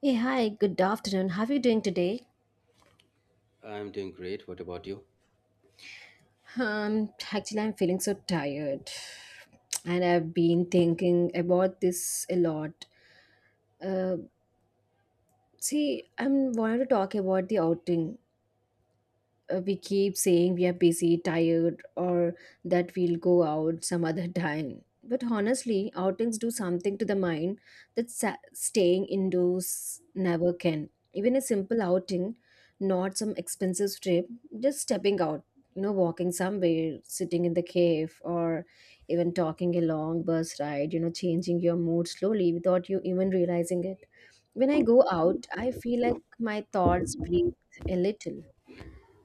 Hey, hi, good afternoon. How are you doing today? I'm doing great. What about you? Actually, I'm feeling so tired. And I've been thinking about this a lot. Uh, See, I'm wanting to talk about the outing. We keep saying we are busy, tired, or that we'll go out some other time. But honestly, outings do something to the mind that staying indoors never can. Even a simple outing, not some expensive trip, just stepping out, you know, walking somewhere, sitting in the cave, or even talking a long bus ride, you know, changing your mood slowly without you even realizing it. When I go out, I feel like my thoughts breathe a little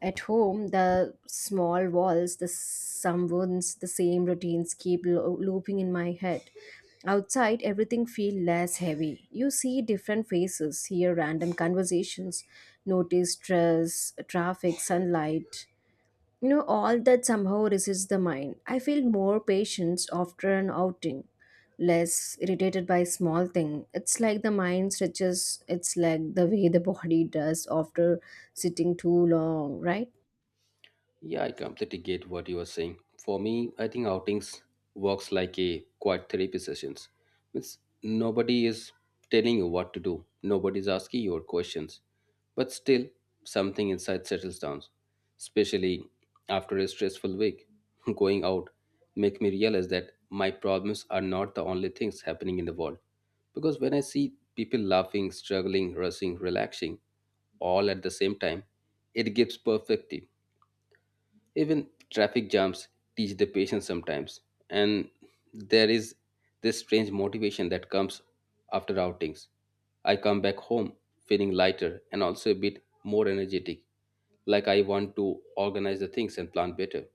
at home, the small walls, the sounds, the same routines keep looping in my head. Outside, everything feels less heavy. You see different faces, hear random conversations, notice stress, traffic, sunlight. You know, all that somehow resists the mind. I feel more patience after an outing, less irritated by small thing. It's like the mind stretches its like the way the body does after sitting too long, right? Yeah, I completely get what you are saying. For me, I think outings works like a quiet therapy sessions. Means nobody is telling you what to do. Nobody is asking your questions. But still, something inside settles down. Especially after a stressful week, going out make me realize that my problems are not the only things happening in the world. Because when I see people laughing, struggling, rushing, relaxing, all at the same time, it gives perspective. Even traffic jams teach the patience sometimes, and there is this strange motivation that comes after outings. I come back home feeling lighter and also a bit more energetic, like I want to organize the things and plan better.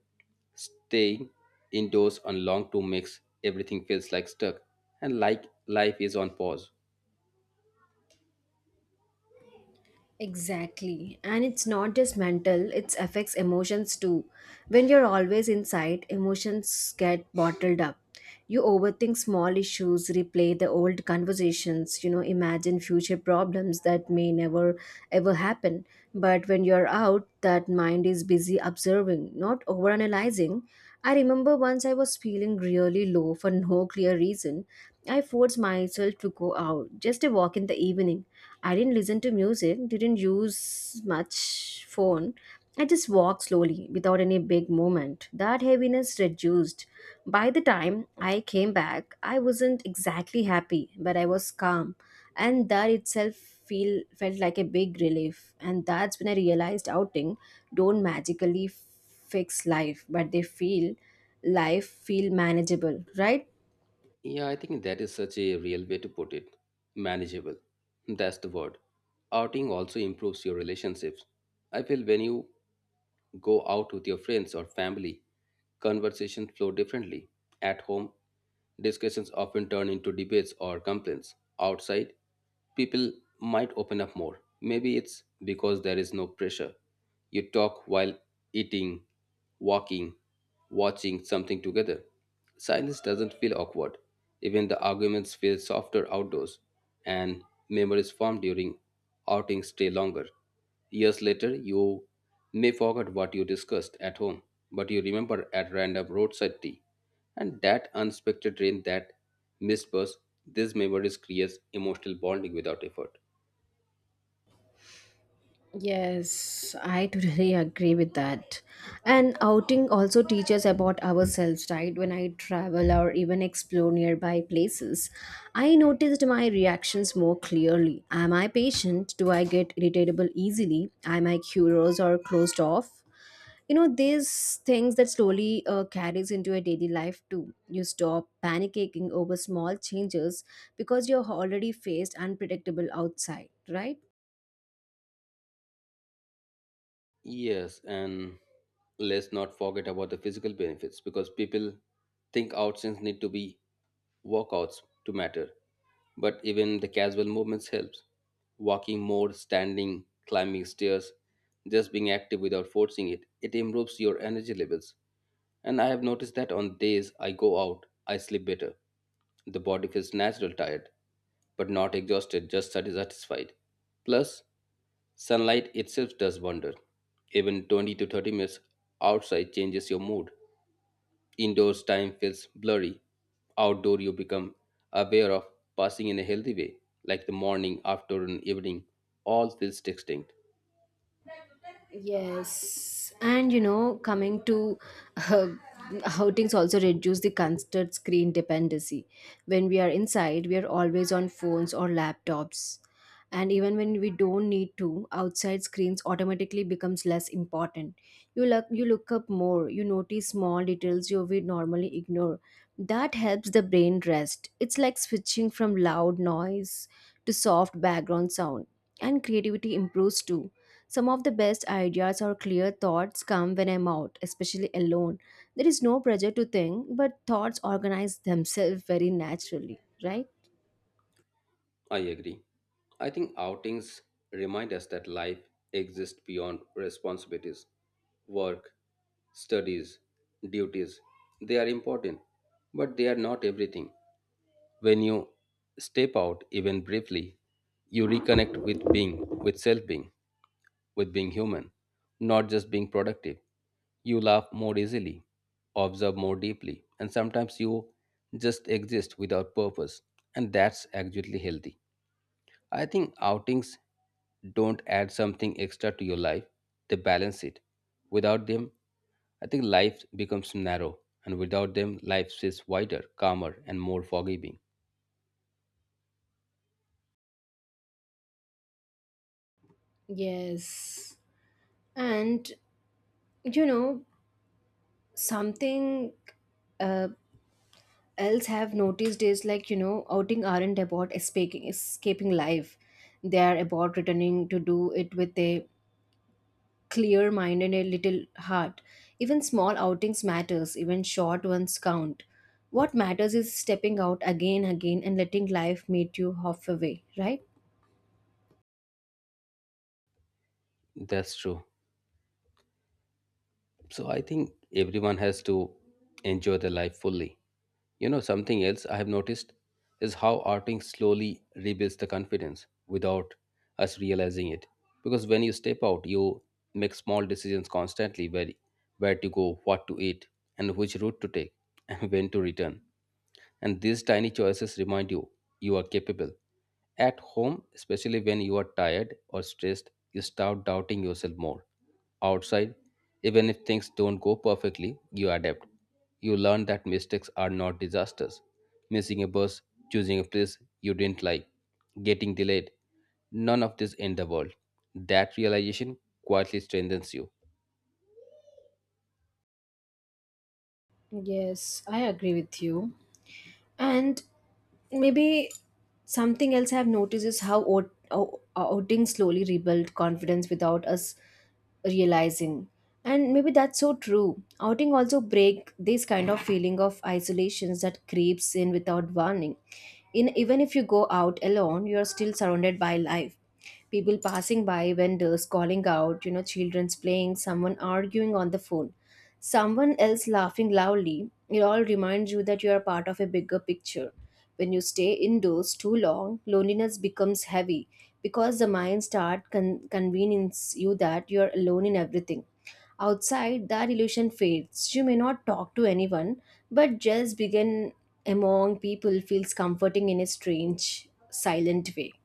Staying indoors on long to makes everything feels like stuck and like life is on pause. Exactly. And it's not just mental, it affects emotions too. When you're always inside, emotions get bottled up. You overthink small issues, replay the old conversations, you know, imagine future problems that may never ever happen. But when you're out, that mind is busy observing, not overanalyzing. I remember once I was feeling really low for no clear reason. I forced myself to go out, just a walk in the evening. I didn't listen to music, didn't use much phone. I just walked slowly without any big movement. That heaviness reduced. By the time I came back, I wasn't exactly happy, but I was calm, and that itself feel felt like a big relief. And that's when I realized outing don't magically fix life, but they feel life feel manageable, right? Yeah, I think that is such a real way to put it. Manageable. That's the word. Outing also improves your relationships. I feel when you go out with your friends or family. Conversations flow differently. At home, discussions often turn into debates or complaints. Outside, people might open up more. Maybe it's because there is no pressure. You talk while eating, walking, watching something together. Silence doesn't feel awkward. Even the arguments feel softer outdoors, and memories formed during outings stay longer. Years later, you may forget what you discussed at home, but you remember at random roadside tea. And that unexpected rain, that missed bus, these memories creates emotional bonding without effort. Yes, I totally agree with that. And outing also teaches about ourselves, right? When I travel or even explore nearby places, I noticed my reactions more clearly. Am I patient? Do I get irritable easily? Am I curious or closed off? You know, these things that slowly carries into a daily life too. You stop panicking over small changes because you're already faced unpredictable outside, right? Yes, and let's not forget about the physical benefits because people think outings need to be workouts to matter, but even the casual movements helps. Walking more, standing, climbing stairs, just being active without forcing it, it improves your energy levels. And I have noticed that on days I go out, I sleep better. The body feels natural tired, but not exhausted, just satisfied. Plus, sunlight itself does wonder. Even 20 to 30 minutes outside changes your mood. Indoors, time feels blurry. Outdoor, you become aware of passing in a healthy way, like the morning, afternoon, evening, all feels distinct. Yes, and you know, coming to uh, outings also reduce the constant screen dependency. When we are inside, we are always on phones or laptops. And even when we don't need to, outside screens automatically becomes less important. You look up more, you notice small details you would normally ignore. That helps the brain rest. It's like switching from loud noise to soft background sound. And creativity improves too some of the best ideas or clear thoughts come when I'm out, especially alone. There is no pressure to think, but thoughts organize themselves very naturally, right? I agree. I think outings remind us that life exists beyond responsibilities, work, studies, duties. They are important, but they are not everything. When you step out, even briefly, you reconnect with being, with self being, with being human, not just being productive. You laugh more easily, observe more deeply, and sometimes you just exist without purpose, and that's actually healthy. I think outings don't add something extra to your life, they balance it. Without them, I think life becomes narrow, and without them, life is wider, calmer, and more forgiving. Yes. And you know, something uh, else I've noticed is like you know, outing aren't about escaping life. They are about returning to do it with a clear mind and a little heart. Even small outings matters, even short ones count. What matters is stepping out again again and letting life meet you halfway, right? That's true. So I think everyone has to enjoy their life fully. You know, something else I have noticed is how arting slowly rebuilds the confidence without us realizing it. Because when you step out, you make small decisions constantly where to go, what to eat, and which route to take, and when to return. And these tiny choices remind you you are capable. At home, especially when you are tired or stressed, you start doubting yourself more. Outside, even if things don't go perfectly, you adapt. You learn that mistakes are not disasters. Missing a bus, choosing a place you didn't like, getting delayed, none of this in the world. That realization quietly strengthens you. Yes, I agree with you. And maybe something else I've noticed is how outing slowly rebuild confidence without us realizing. And maybe that's so true. Outing also break this kind of feeling of isolations that creeps in without warning. In even if you go out alone, you are still surrounded by life. People passing by, vendors calling out, you know, children's playing, someone arguing on the phone someone else laughing loudly, it all reminds you that you are part of a bigger picture. When you stay indoors too long, loneliness becomes heavy because the mind starts convincing you that you are alone in everything. Outside, that illusion fades. You may not talk to anyone, but just begin among people feels comforting in a strange, silent way.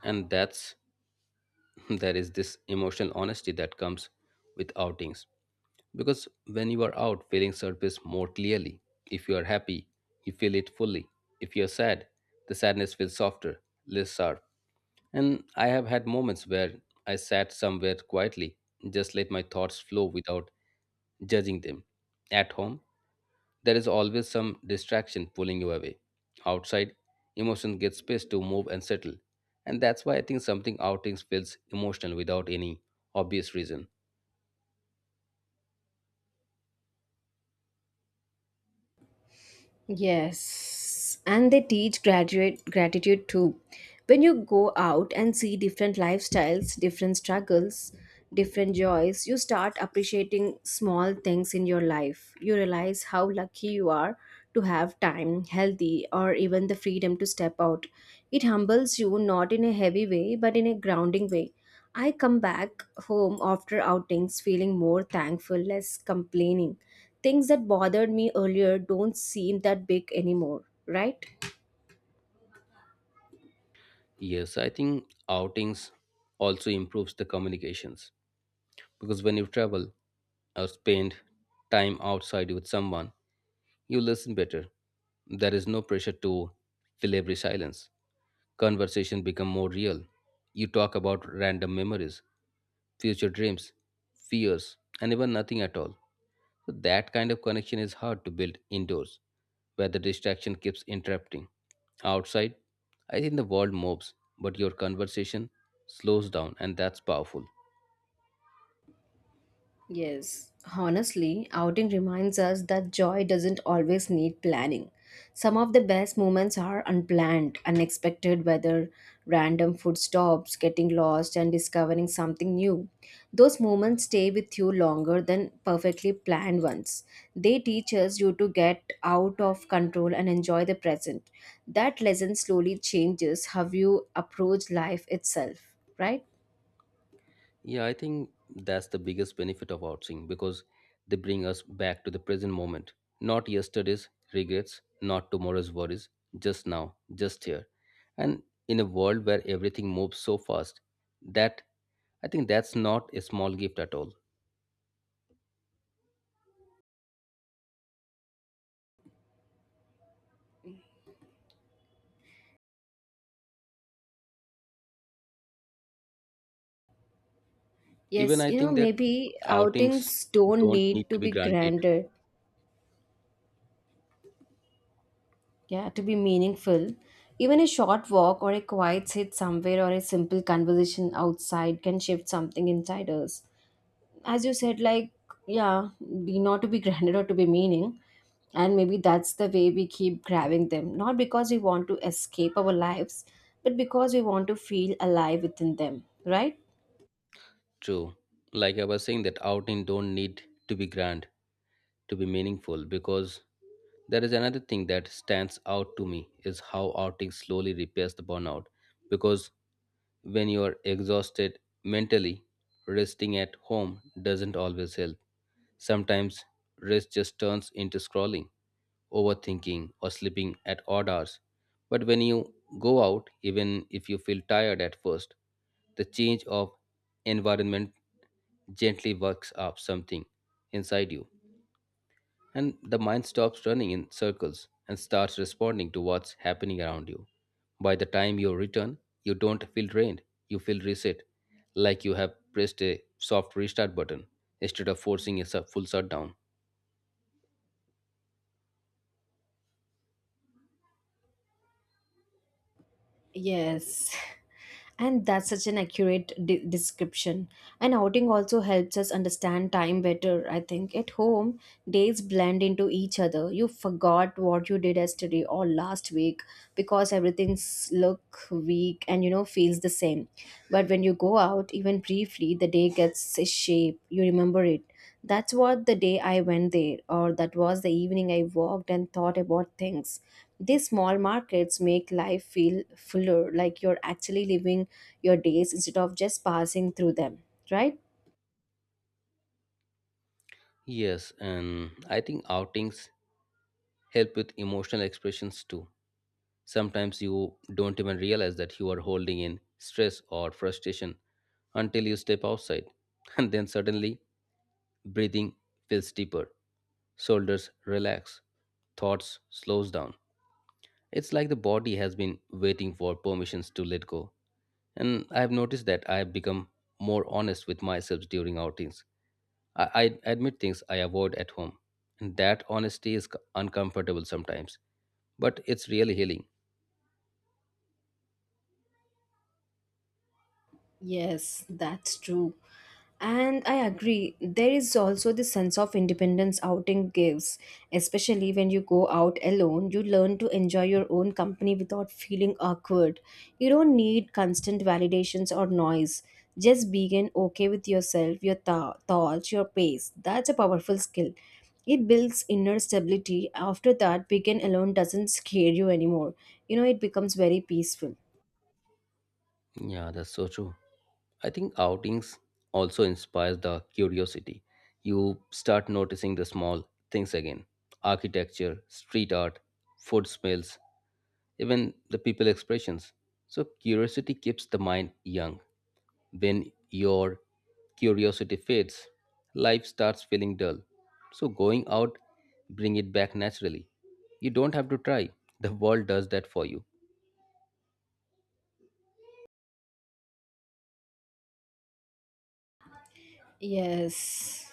And that's there is this emotional honesty that comes with outings. Because when you are out, feelings surface more clearly. If you are happy, you feel it fully. If you are sad, the sadness feels softer, less sharp. And I have had moments where I sat somewhere quietly, just let my thoughts flow without judging them. At home, there is always some distraction pulling you away. Outside, emotion gets space to move and settle. And that's why I think something outings feels emotional without any obvious reason. Yes, and they teach graduate gratitude too. When you go out and see different lifestyles, different struggles, different joys, you start appreciating small things in your life. You realize how lucky you are to have time, healthy, or even the freedom to step out. It humbles you not in a heavy way, but in a grounding way. I come back home after outings feeling more thankful, less complaining. Things that bothered me earlier don't seem that big anymore, right? Yes, I think outings also improves the communications. Because when you travel or spend time outside with someone, you listen better. There is no pressure to fill every silence. Conversation become more real. You talk about random memories, future dreams, fears, and even nothing at all. So that kind of connection is hard to build indoors, where the distraction keeps interrupting. Outside, I think the world moves, but your conversation slows down, and that's powerful. Yes, honestly, outing reminds us that joy doesn't always need planning. Some of the best moments are unplanned, unexpected, whether random food stops, getting lost, and discovering something new. Those moments stay with you longer than perfectly planned ones. They teach us you to get out of control and enjoy the present. That lesson slowly changes how you approach life itself, right? Yeah, I think that's the biggest benefit of outsing because they bring us back to the present moment. Not yesterday's regrets, not tomorrow's worries, just now, just here. And in a world where everything moves so fast, that I think that's not a small gift at all. Even Yes, I you know, think that maybe outings outings don't don't need need to to be be granted. grander, yeah, to be meaningful. Even a short walk or a quiet sit somewhere or a simple conversation outside can shift something inside us. As you said, like, yeah, be not to be grander or to be meaning. And maybe that's the way we keep grabbing them, not because we want to escape our lives, but because we want to feel alive within them, right? True. Like I was saying that outing don't need to be grand to be meaningful because there is another thing that stands out to me is how outing slowly repairs the burnout because when you are exhausted mentally, resting at home doesn't always help. Sometimes rest just turns into scrolling, overthinking, or sleeping at odd hours. But when you go out, even if you feel tired at first, the change of environment gently works up something inside you and the mind stops running in circles and starts responding to what's happening around you. By the time you return, you don't feel drained, you feel reset, like you have pressed a soft restart button instead of forcing a full shutdown. Yes. And that's such an accurate description. And outing also helps us understand time better, I think. At home, days blend into each other. You forgot what you did yesterday or last week because everything's look weak and you know feels the same. But when you go out, even briefly, the day gets a shape. You remember it. That's what the day I went there, or that was the evening I walked and thought about things. These small markets make life feel fuller, like you're actually living your days instead of just passing through them, right? Yes, and I think outings help with emotional expressions too. Sometimes you don't even realize that you are holding in stress or frustration until you step outside, and then suddenly breathing feels deeper. Shoulders relax, thoughts slows down. It's like the body has been waiting for permissions to let go. And I've noticed that I've become more honest with myself during outings. I admit things I avoid at home. And that honesty is uncomfortable sometimes, but it's really healing. Yes, that's true. And I agree, there is also the sense of independence outing gives. Especially when you go out alone, you learn to enjoy your own company without feeling awkward. You don't need constant validations or noise. Just begin okay with yourself, your thoughts, your pace. That's a powerful skill. It builds inner stability. After that, begin alone doesn't scare you anymore. You know, it becomes very peaceful. Yeah, that's so true. I think outings also inspires the curiosity. You start noticing the small things again, architecture, street art, food smells, even the people expressions. So curiosity keeps the mind young. When your curiosity fades, life starts feeling dull. So going out bring it back naturally. You don't have to try. The world does that for you. Yes.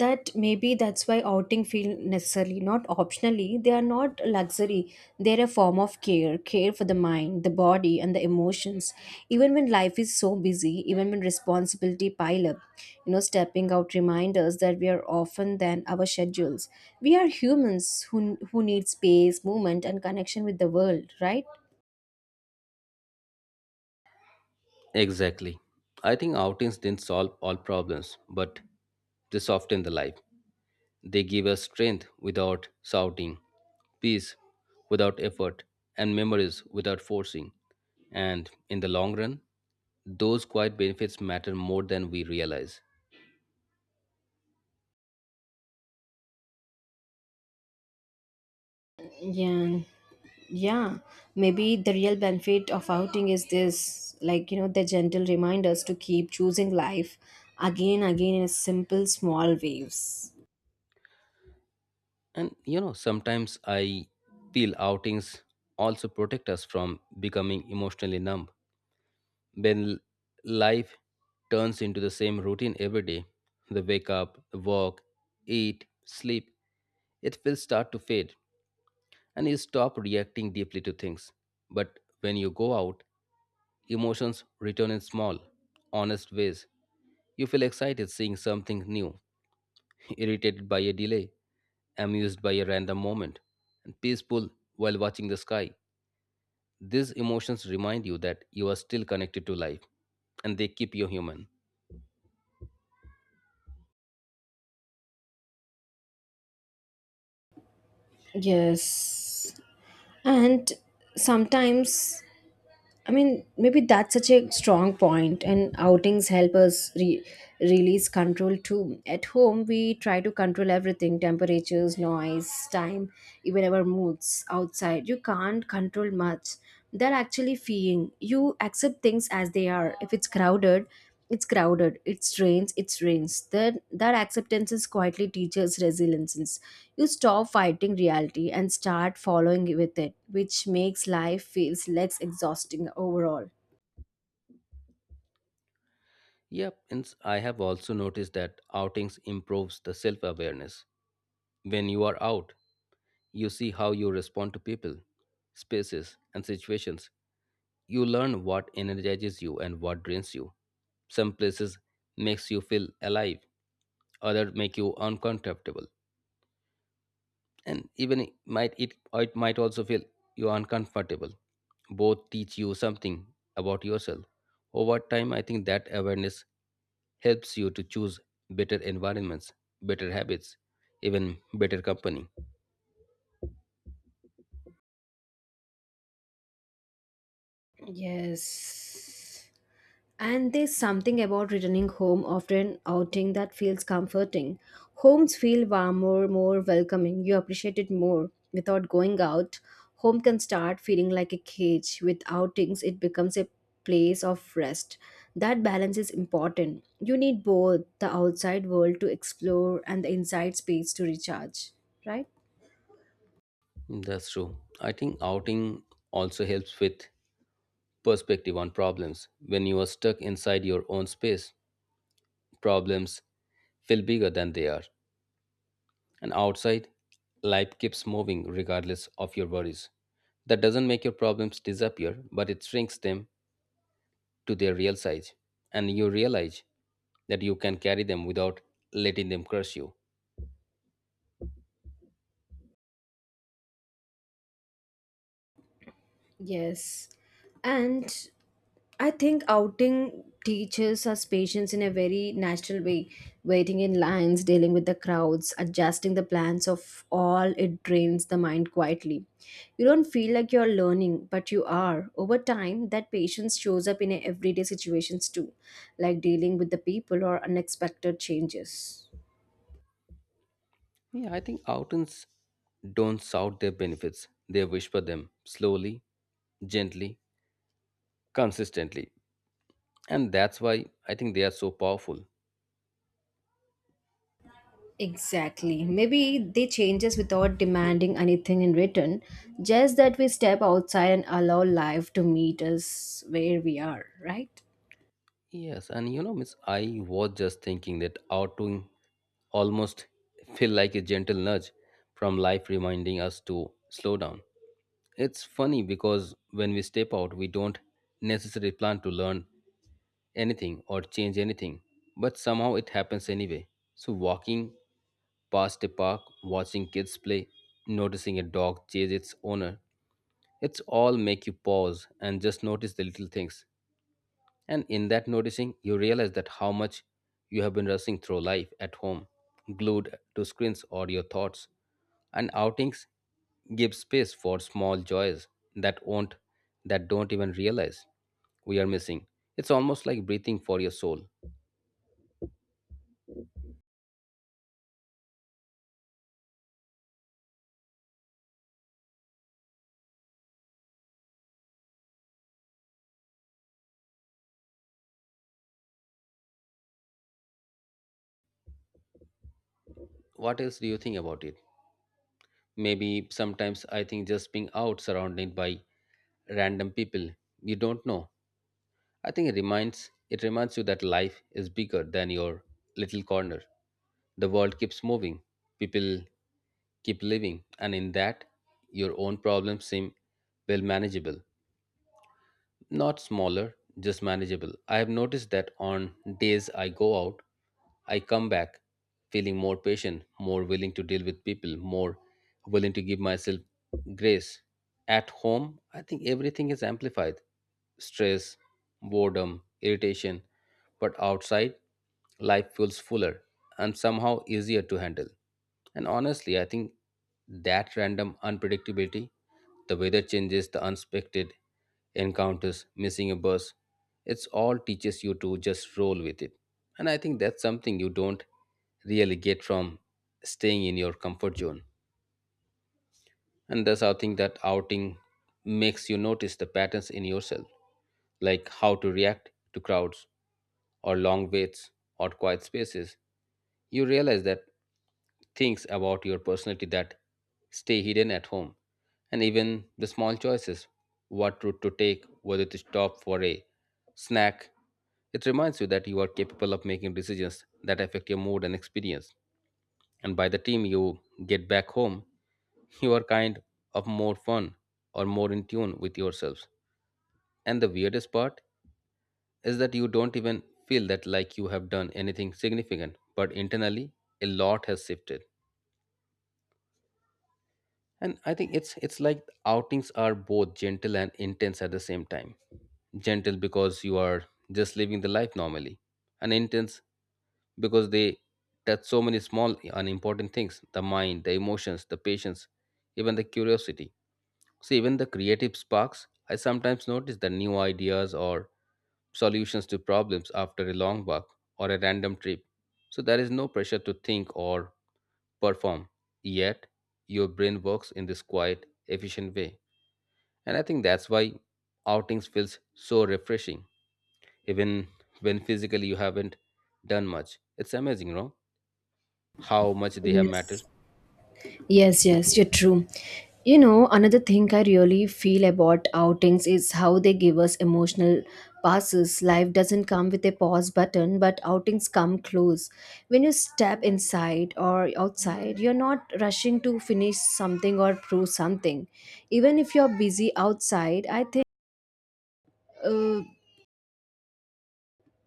That maybe that's why outing feel necessarily not optionally they are not luxury they're a form of care for the mind the body and the emotions even when life is so busy even when responsibility pile up you know stepping out reminds us that we are often than our schedules we are humans who need space movement and connection with the world right. Exactly. I think outings didn't solve all problems, but they soften the life. They give us strength without shouting, peace without effort, and memories without forcing. And in the long run, those quiet benefits matter more than we realize. Yeah. Yeah, maybe the real benefit of outing is this like, you know, the gentle reminders to keep choosing life again, again in simple, small waves. And you know, sometimes I feel outings also protect us from becoming emotionally numb. When life turns into the same routine every day, the wake up, the walk, eat, sleep, it will start to fade and you stop reacting deeply to things. But when you go out, emotions return in small, honest ways. You feel excited seeing something new, irritated by a delay, amused by a random moment, and peaceful while watching the sky. These emotions remind you that you are still connected to life and they keep you human. Yes. And sometimes I mean, maybe that's such a strong point, and outings help us release control too. At home, we try to control everything temperatures, noise, time, even our moods. Outside, you can't control much. They're actually feeling. You accept things as they are. If it's crowded, it's crowded, it strains, it strains. That acceptance is quietly teaches resilience. You stop fighting reality and start following with it, which makes life feels less exhausting overall. Yep, and I have also noticed that outings improves the self-awareness. When you are out, you see how you respond to people, spaces, and situations. You learn what energizes you and what drains you. Some places makes you feel alive, other make you uncomfortable, and even it might also feel you uncomfortable. Both teach you something about yourself. Over time, I think that awareness helps you to choose better environments, better habits, even better company. Yes. And there's something about returning home after an outing that feels comforting. Homes feel warmer, more welcoming. You appreciate it more. Without going out, home can start feeling like a cage. With outings, it becomes a place of rest. That balance is important. You need both the outside world to explore and the inside space to recharge, right? That's true. I think outing also helps with perspective on problems. When you are stuck inside your own space, problems feel bigger than they are. And outside, life keeps moving regardless of your worries. That doesn't make your problems disappear, but it shrinks them to their real size. And you realize that you can carry them without letting them crush you. Yes. And I think outing teaches us patience in a very natural way. Waiting in lines, dealing with the crowds, adjusting the plans of all, it drains the mind quietly. You don't feel like you're learning, but you are. Over time, that patience shows up in everyday situations too, like dealing with the people or unexpected changes. Yeah, I think outings don't shout their benefits, they whisper them slowly, gently, consistently. And that's why I think they are so powerful. Exactly. Maybe they change us without demanding anything in return, just that we step outside and allow life to meet us where we are, right? Yes, and you know, Miss, I was just thinking that outing almost feel like a gentle nudge from life reminding us to slow down. It's funny because when we step out, we don't necessarily plan to learn anything or change anything, but somehow it happens anyway. So, walking past a park, watching kids play, noticing a dog chase its owner, it's all make you pause and just notice the little things, and in that noticing, you realize that how much you have been rushing through life at home, glued to screens or your thoughts. And outings give space for small joys that won't that don't even realize we are missing. It's almost like breathing for your soul. What else do you think about it? Maybe sometimes I think just being out surrounded by random people you don't know, I think it reminds you that life is bigger than your little corner. The world keeps moving, people keep living, and in that your own problems seem, well, manageable. Not smaller, just manageable. I have noticed that on days I go out, I come back feeling more patient, more willing to deal with people, more willing to give myself grace. At home, I think everything is amplified: stress, boredom, irritation. But outside, life feels fuller and somehow easier to handle. And honestly, I think that random unpredictability, the weather changes, the unexpected encounters, missing a bus, it's all teaches you to just roll with it. And I think that's something you don't really get from staying in your comfort zone. And that's how I think that outing makes you notice the patterns in yourself, like how to react to crowds or long waits or quiet spaces. You realize that things about your personality that stay hidden at home, and even the small choices, what route to take, whether to stop for a snack. It reminds you that you are capable of making decisions that affect your mood and experience, and by the time you get back home you are kind of more fun or more in tune with yourselves. And the weirdest part is that you don't even feel that like you have done anything significant, but internally a lot has shifted. And I think it's like outings are both gentle and intense at the same time. Gentle because you are just living the life normally, and intense because they touch so many small and important things: the mind, the emotions, the patience, even the curiosity. See, even the creative sparks, I sometimes notice the new ideas or solutions to problems after a long walk or a random trip. So there is no pressure to think or perform, yet your brain works in this quiet, efficient way. And I think that's why outings feels so refreshing, even when physically you haven't done much. It's amazing, how much they have mattered. Yes. Yes, yes, you're true. You know, another thing I really feel about outings is how they give us emotional passes. Life doesn't come with a pause button, but outings come close. When you step inside or outside, you're not rushing to finish something or prove something. Even if you're busy outside, I think, uh,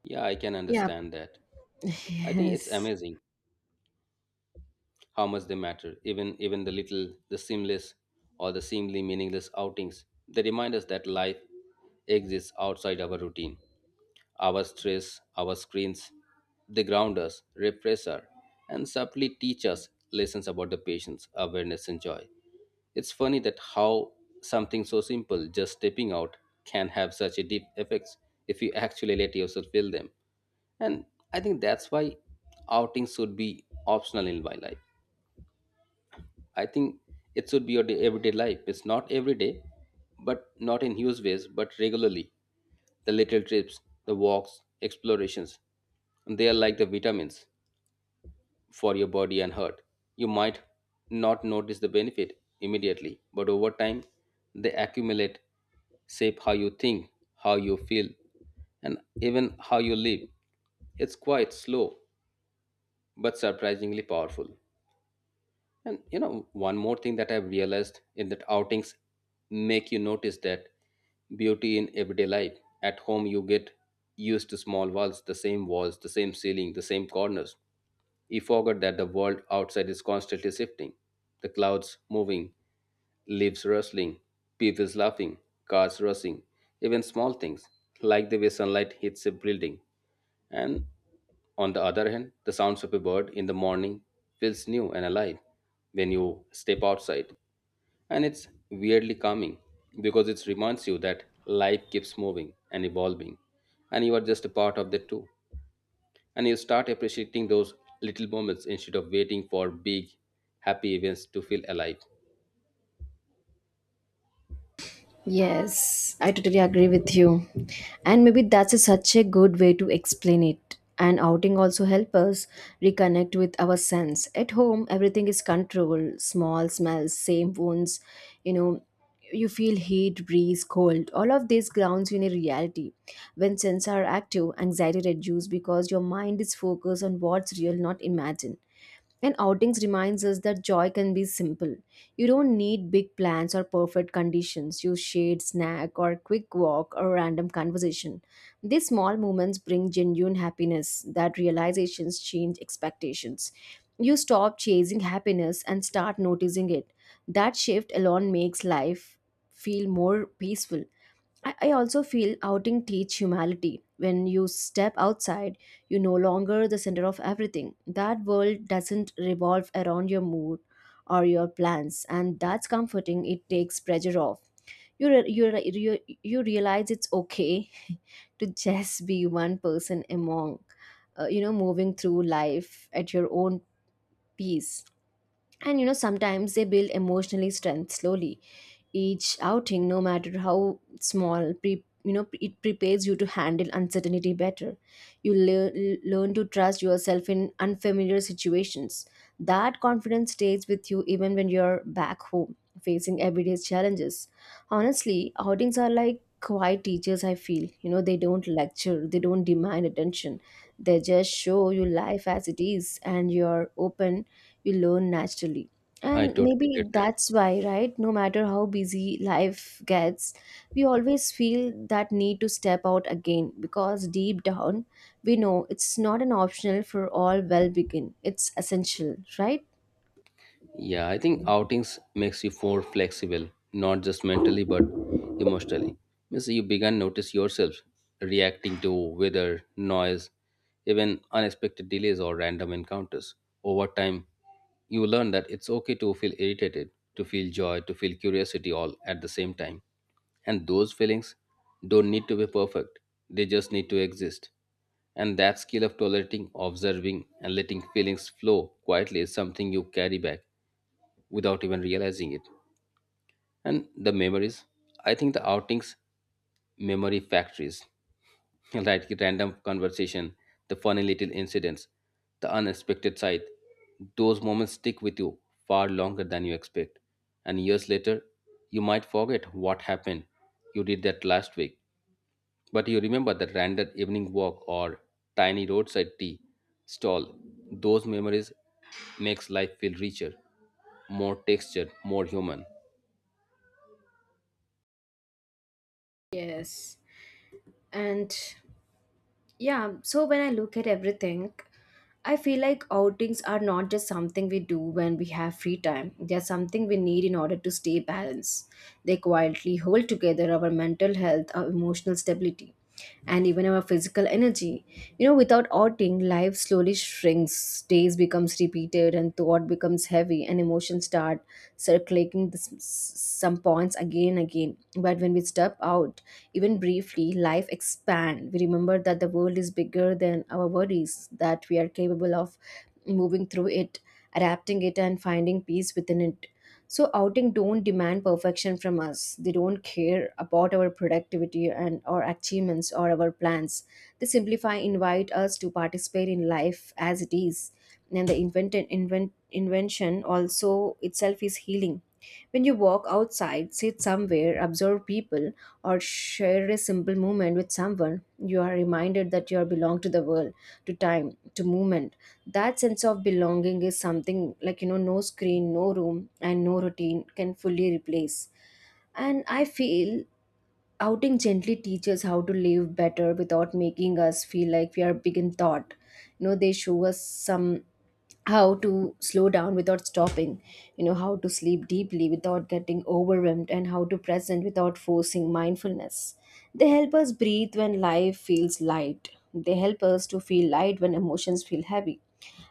Yeah, I can yeah, understand that. I think it's yes. amazing how much they matter, even the little, the seamless or the seemingly meaningless outings. They remind us that life exists outside our routine, our stress, our screens. They ground us, refresh us, and subtly teach us lessons about the patience, awareness and joy. It's funny that how something so simple, just stepping out, can have such a deep effects if you actually let yourself feel them. And I think that's why outings should be optional in my life. I think it should be your day, everyday life. It's not every day, but not in huge ways, but regularly. The little trips, the walks, explorations, they are like the vitamins for your body and heart. You might not notice the benefit immediately, but over time, they accumulate, shape how you think, how you feel, and even how you live. It's quite slow, but surprisingly powerful. And you know, one more thing that I've realized in that outings make you notice that beauty in everyday life. At home, you get used to small walls, the same ceiling, the same corners. He forgot that the world outside is constantly shifting. The clouds moving, leaves rustling, people laughing, cars rushing, even small things like the way sunlight hits a building, and on the other hand, the sounds of a bird in the morning feels new and alive when you step outside. And it's weirdly calming because it reminds you that life keeps moving and evolving. And you are just a part of that too. And you start appreciating those little moments instead of waiting for big, happy events to feel alive. Yes, I totally agree with you. And maybe that's a, such a good way to explain it. And outing also help us reconnect with our sense. At home, everything is controlled small smells, same wounds, you know. You feel heat, breeze, cold. All of these grounds you in a reality. When senses are active, anxiety reduces because your mind is focused on what's real, not imagined. And outings reminds us that joy can be simple. You don't need big plans or perfect conditions. You shade snack or quick walk or random conversation. These small moments bring genuine happiness that realizations change expectations. You stop chasing happiness and start noticing it. That shift alone makes life feel more peaceful. I also feel outing teach humility. When you step outside, you no longer the center of everything. That world doesn't revolve around your mood or your plans, and that's comforting. It takes pressure off. You realize it's okay to just be one person among, moving through life at your own pace, and you know sometimes they build emotionally strength slowly. Each outing, no matter how small, it prepares you to handle uncertainty better. You learn to trust yourself in unfamiliar situations. That confidence stays with you even when you're back home facing everyday challenges. Honestly, outings are like quiet teachers, I feel, you know. They don't lecture, they don't demand attention. They just show you life as it is, and you're open, you learn naturally. I And totally maybe get that. that's why, right? No matter how busy life gets, we always feel that need to step out again because deep down, we know it's not an optional for all well begin. It's essential, right? Yeah, I think outings makes you more flexible, not just mentally but emotionally. Means you began notice yourself reacting to weather, noise, even unexpected delays or random encounters. Over time, you learn that it's okay to feel irritated, to feel joy, to feel curiosity all at the same time. And those feelings don't need to be perfect. They just need to exist. And that skill of tolerating, observing, and letting feelings flow quietly is something you carry back without even realizing it. And the memories, I think the outings, memory factories, like random conversation, the funny little incidents, the unexpected sight, those moments stick with you far longer than you expect. And years later, you might forget what happened you did that last week, but you remember that random evening walk or tiny roadside tea stall. Those memories makes life feel richer, more textured, more human. Yes. And yeah, so when I look at everything, I feel like outings are not just something we do when we have free time. They are something we need in order to stay balanced. They quietly hold together our mental health, our emotional stability, and even our physical energy. You know, without outing, life slowly shrinks, days becomes repeated, and thought becomes heavy, and emotions start circulating the some points again and again. But when we step out, even briefly, life expand. We remember that the world is bigger than our worries, that we are capable of moving through it, adapting it, and finding peace within it. So outing don't demand perfection from us. They don't care about our productivity and our achievements or our plans. They simplify invite us to participate in life as it is. And the invention also itself is healing. When you walk outside, sit somewhere, observe people, or share a simple moment with someone, you are reminded that you are belong to the world, to time, to movement. That sense of belonging is something like, you know, no screen, no room, and no routine can fully replace. And I feel outing gently teaches how to live better without making us feel like we are big in thought. You know, they show us some how to slow down without stopping, you know, how to sleep deeply without getting overwhelmed, and how to present without forcing mindfulness. They help us breathe when life feels light. They help us to feel light when emotions feel heavy,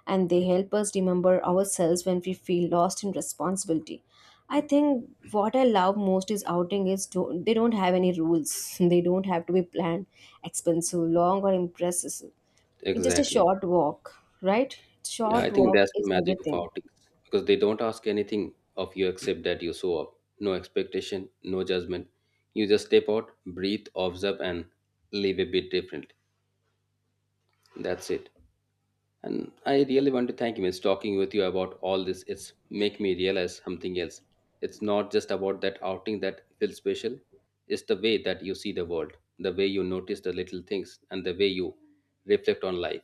and they help us remember ourselves when we feel lost in responsibility. I think what I love most is outing is don't, they don't have any rules. They don't have to be planned, expensive, long or impressive. It's just a Exactly. short walk, right? Yeah, I Short think walk that's the is magic of everything. outings because they don't ask anything of you except that you show up. No expectation, no judgment. You just step out, breathe, observe, and live a bit different. That's it. And I really want to thank you. It's talking with you about all this. It's make me realize something else. It's not just about that outing that feels special. It's the way that you see the world, the way you notice the little things, and the way you reflect on life.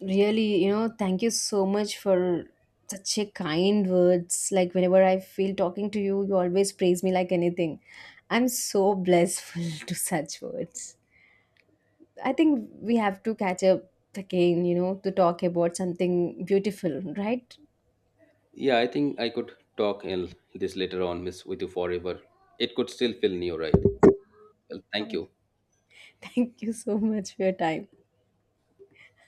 Really, you know, thank you so much for such a kind words. Like whenever I feel talking to you, you always praise me like anything. I'm so blissful to such words. I think we have to catch up again, you know, to talk about something beautiful, right? Yeah, I think I could talk in this later on, Miss, with you forever. It could still feel new, right? Well, thank you. Thank you so much for your time.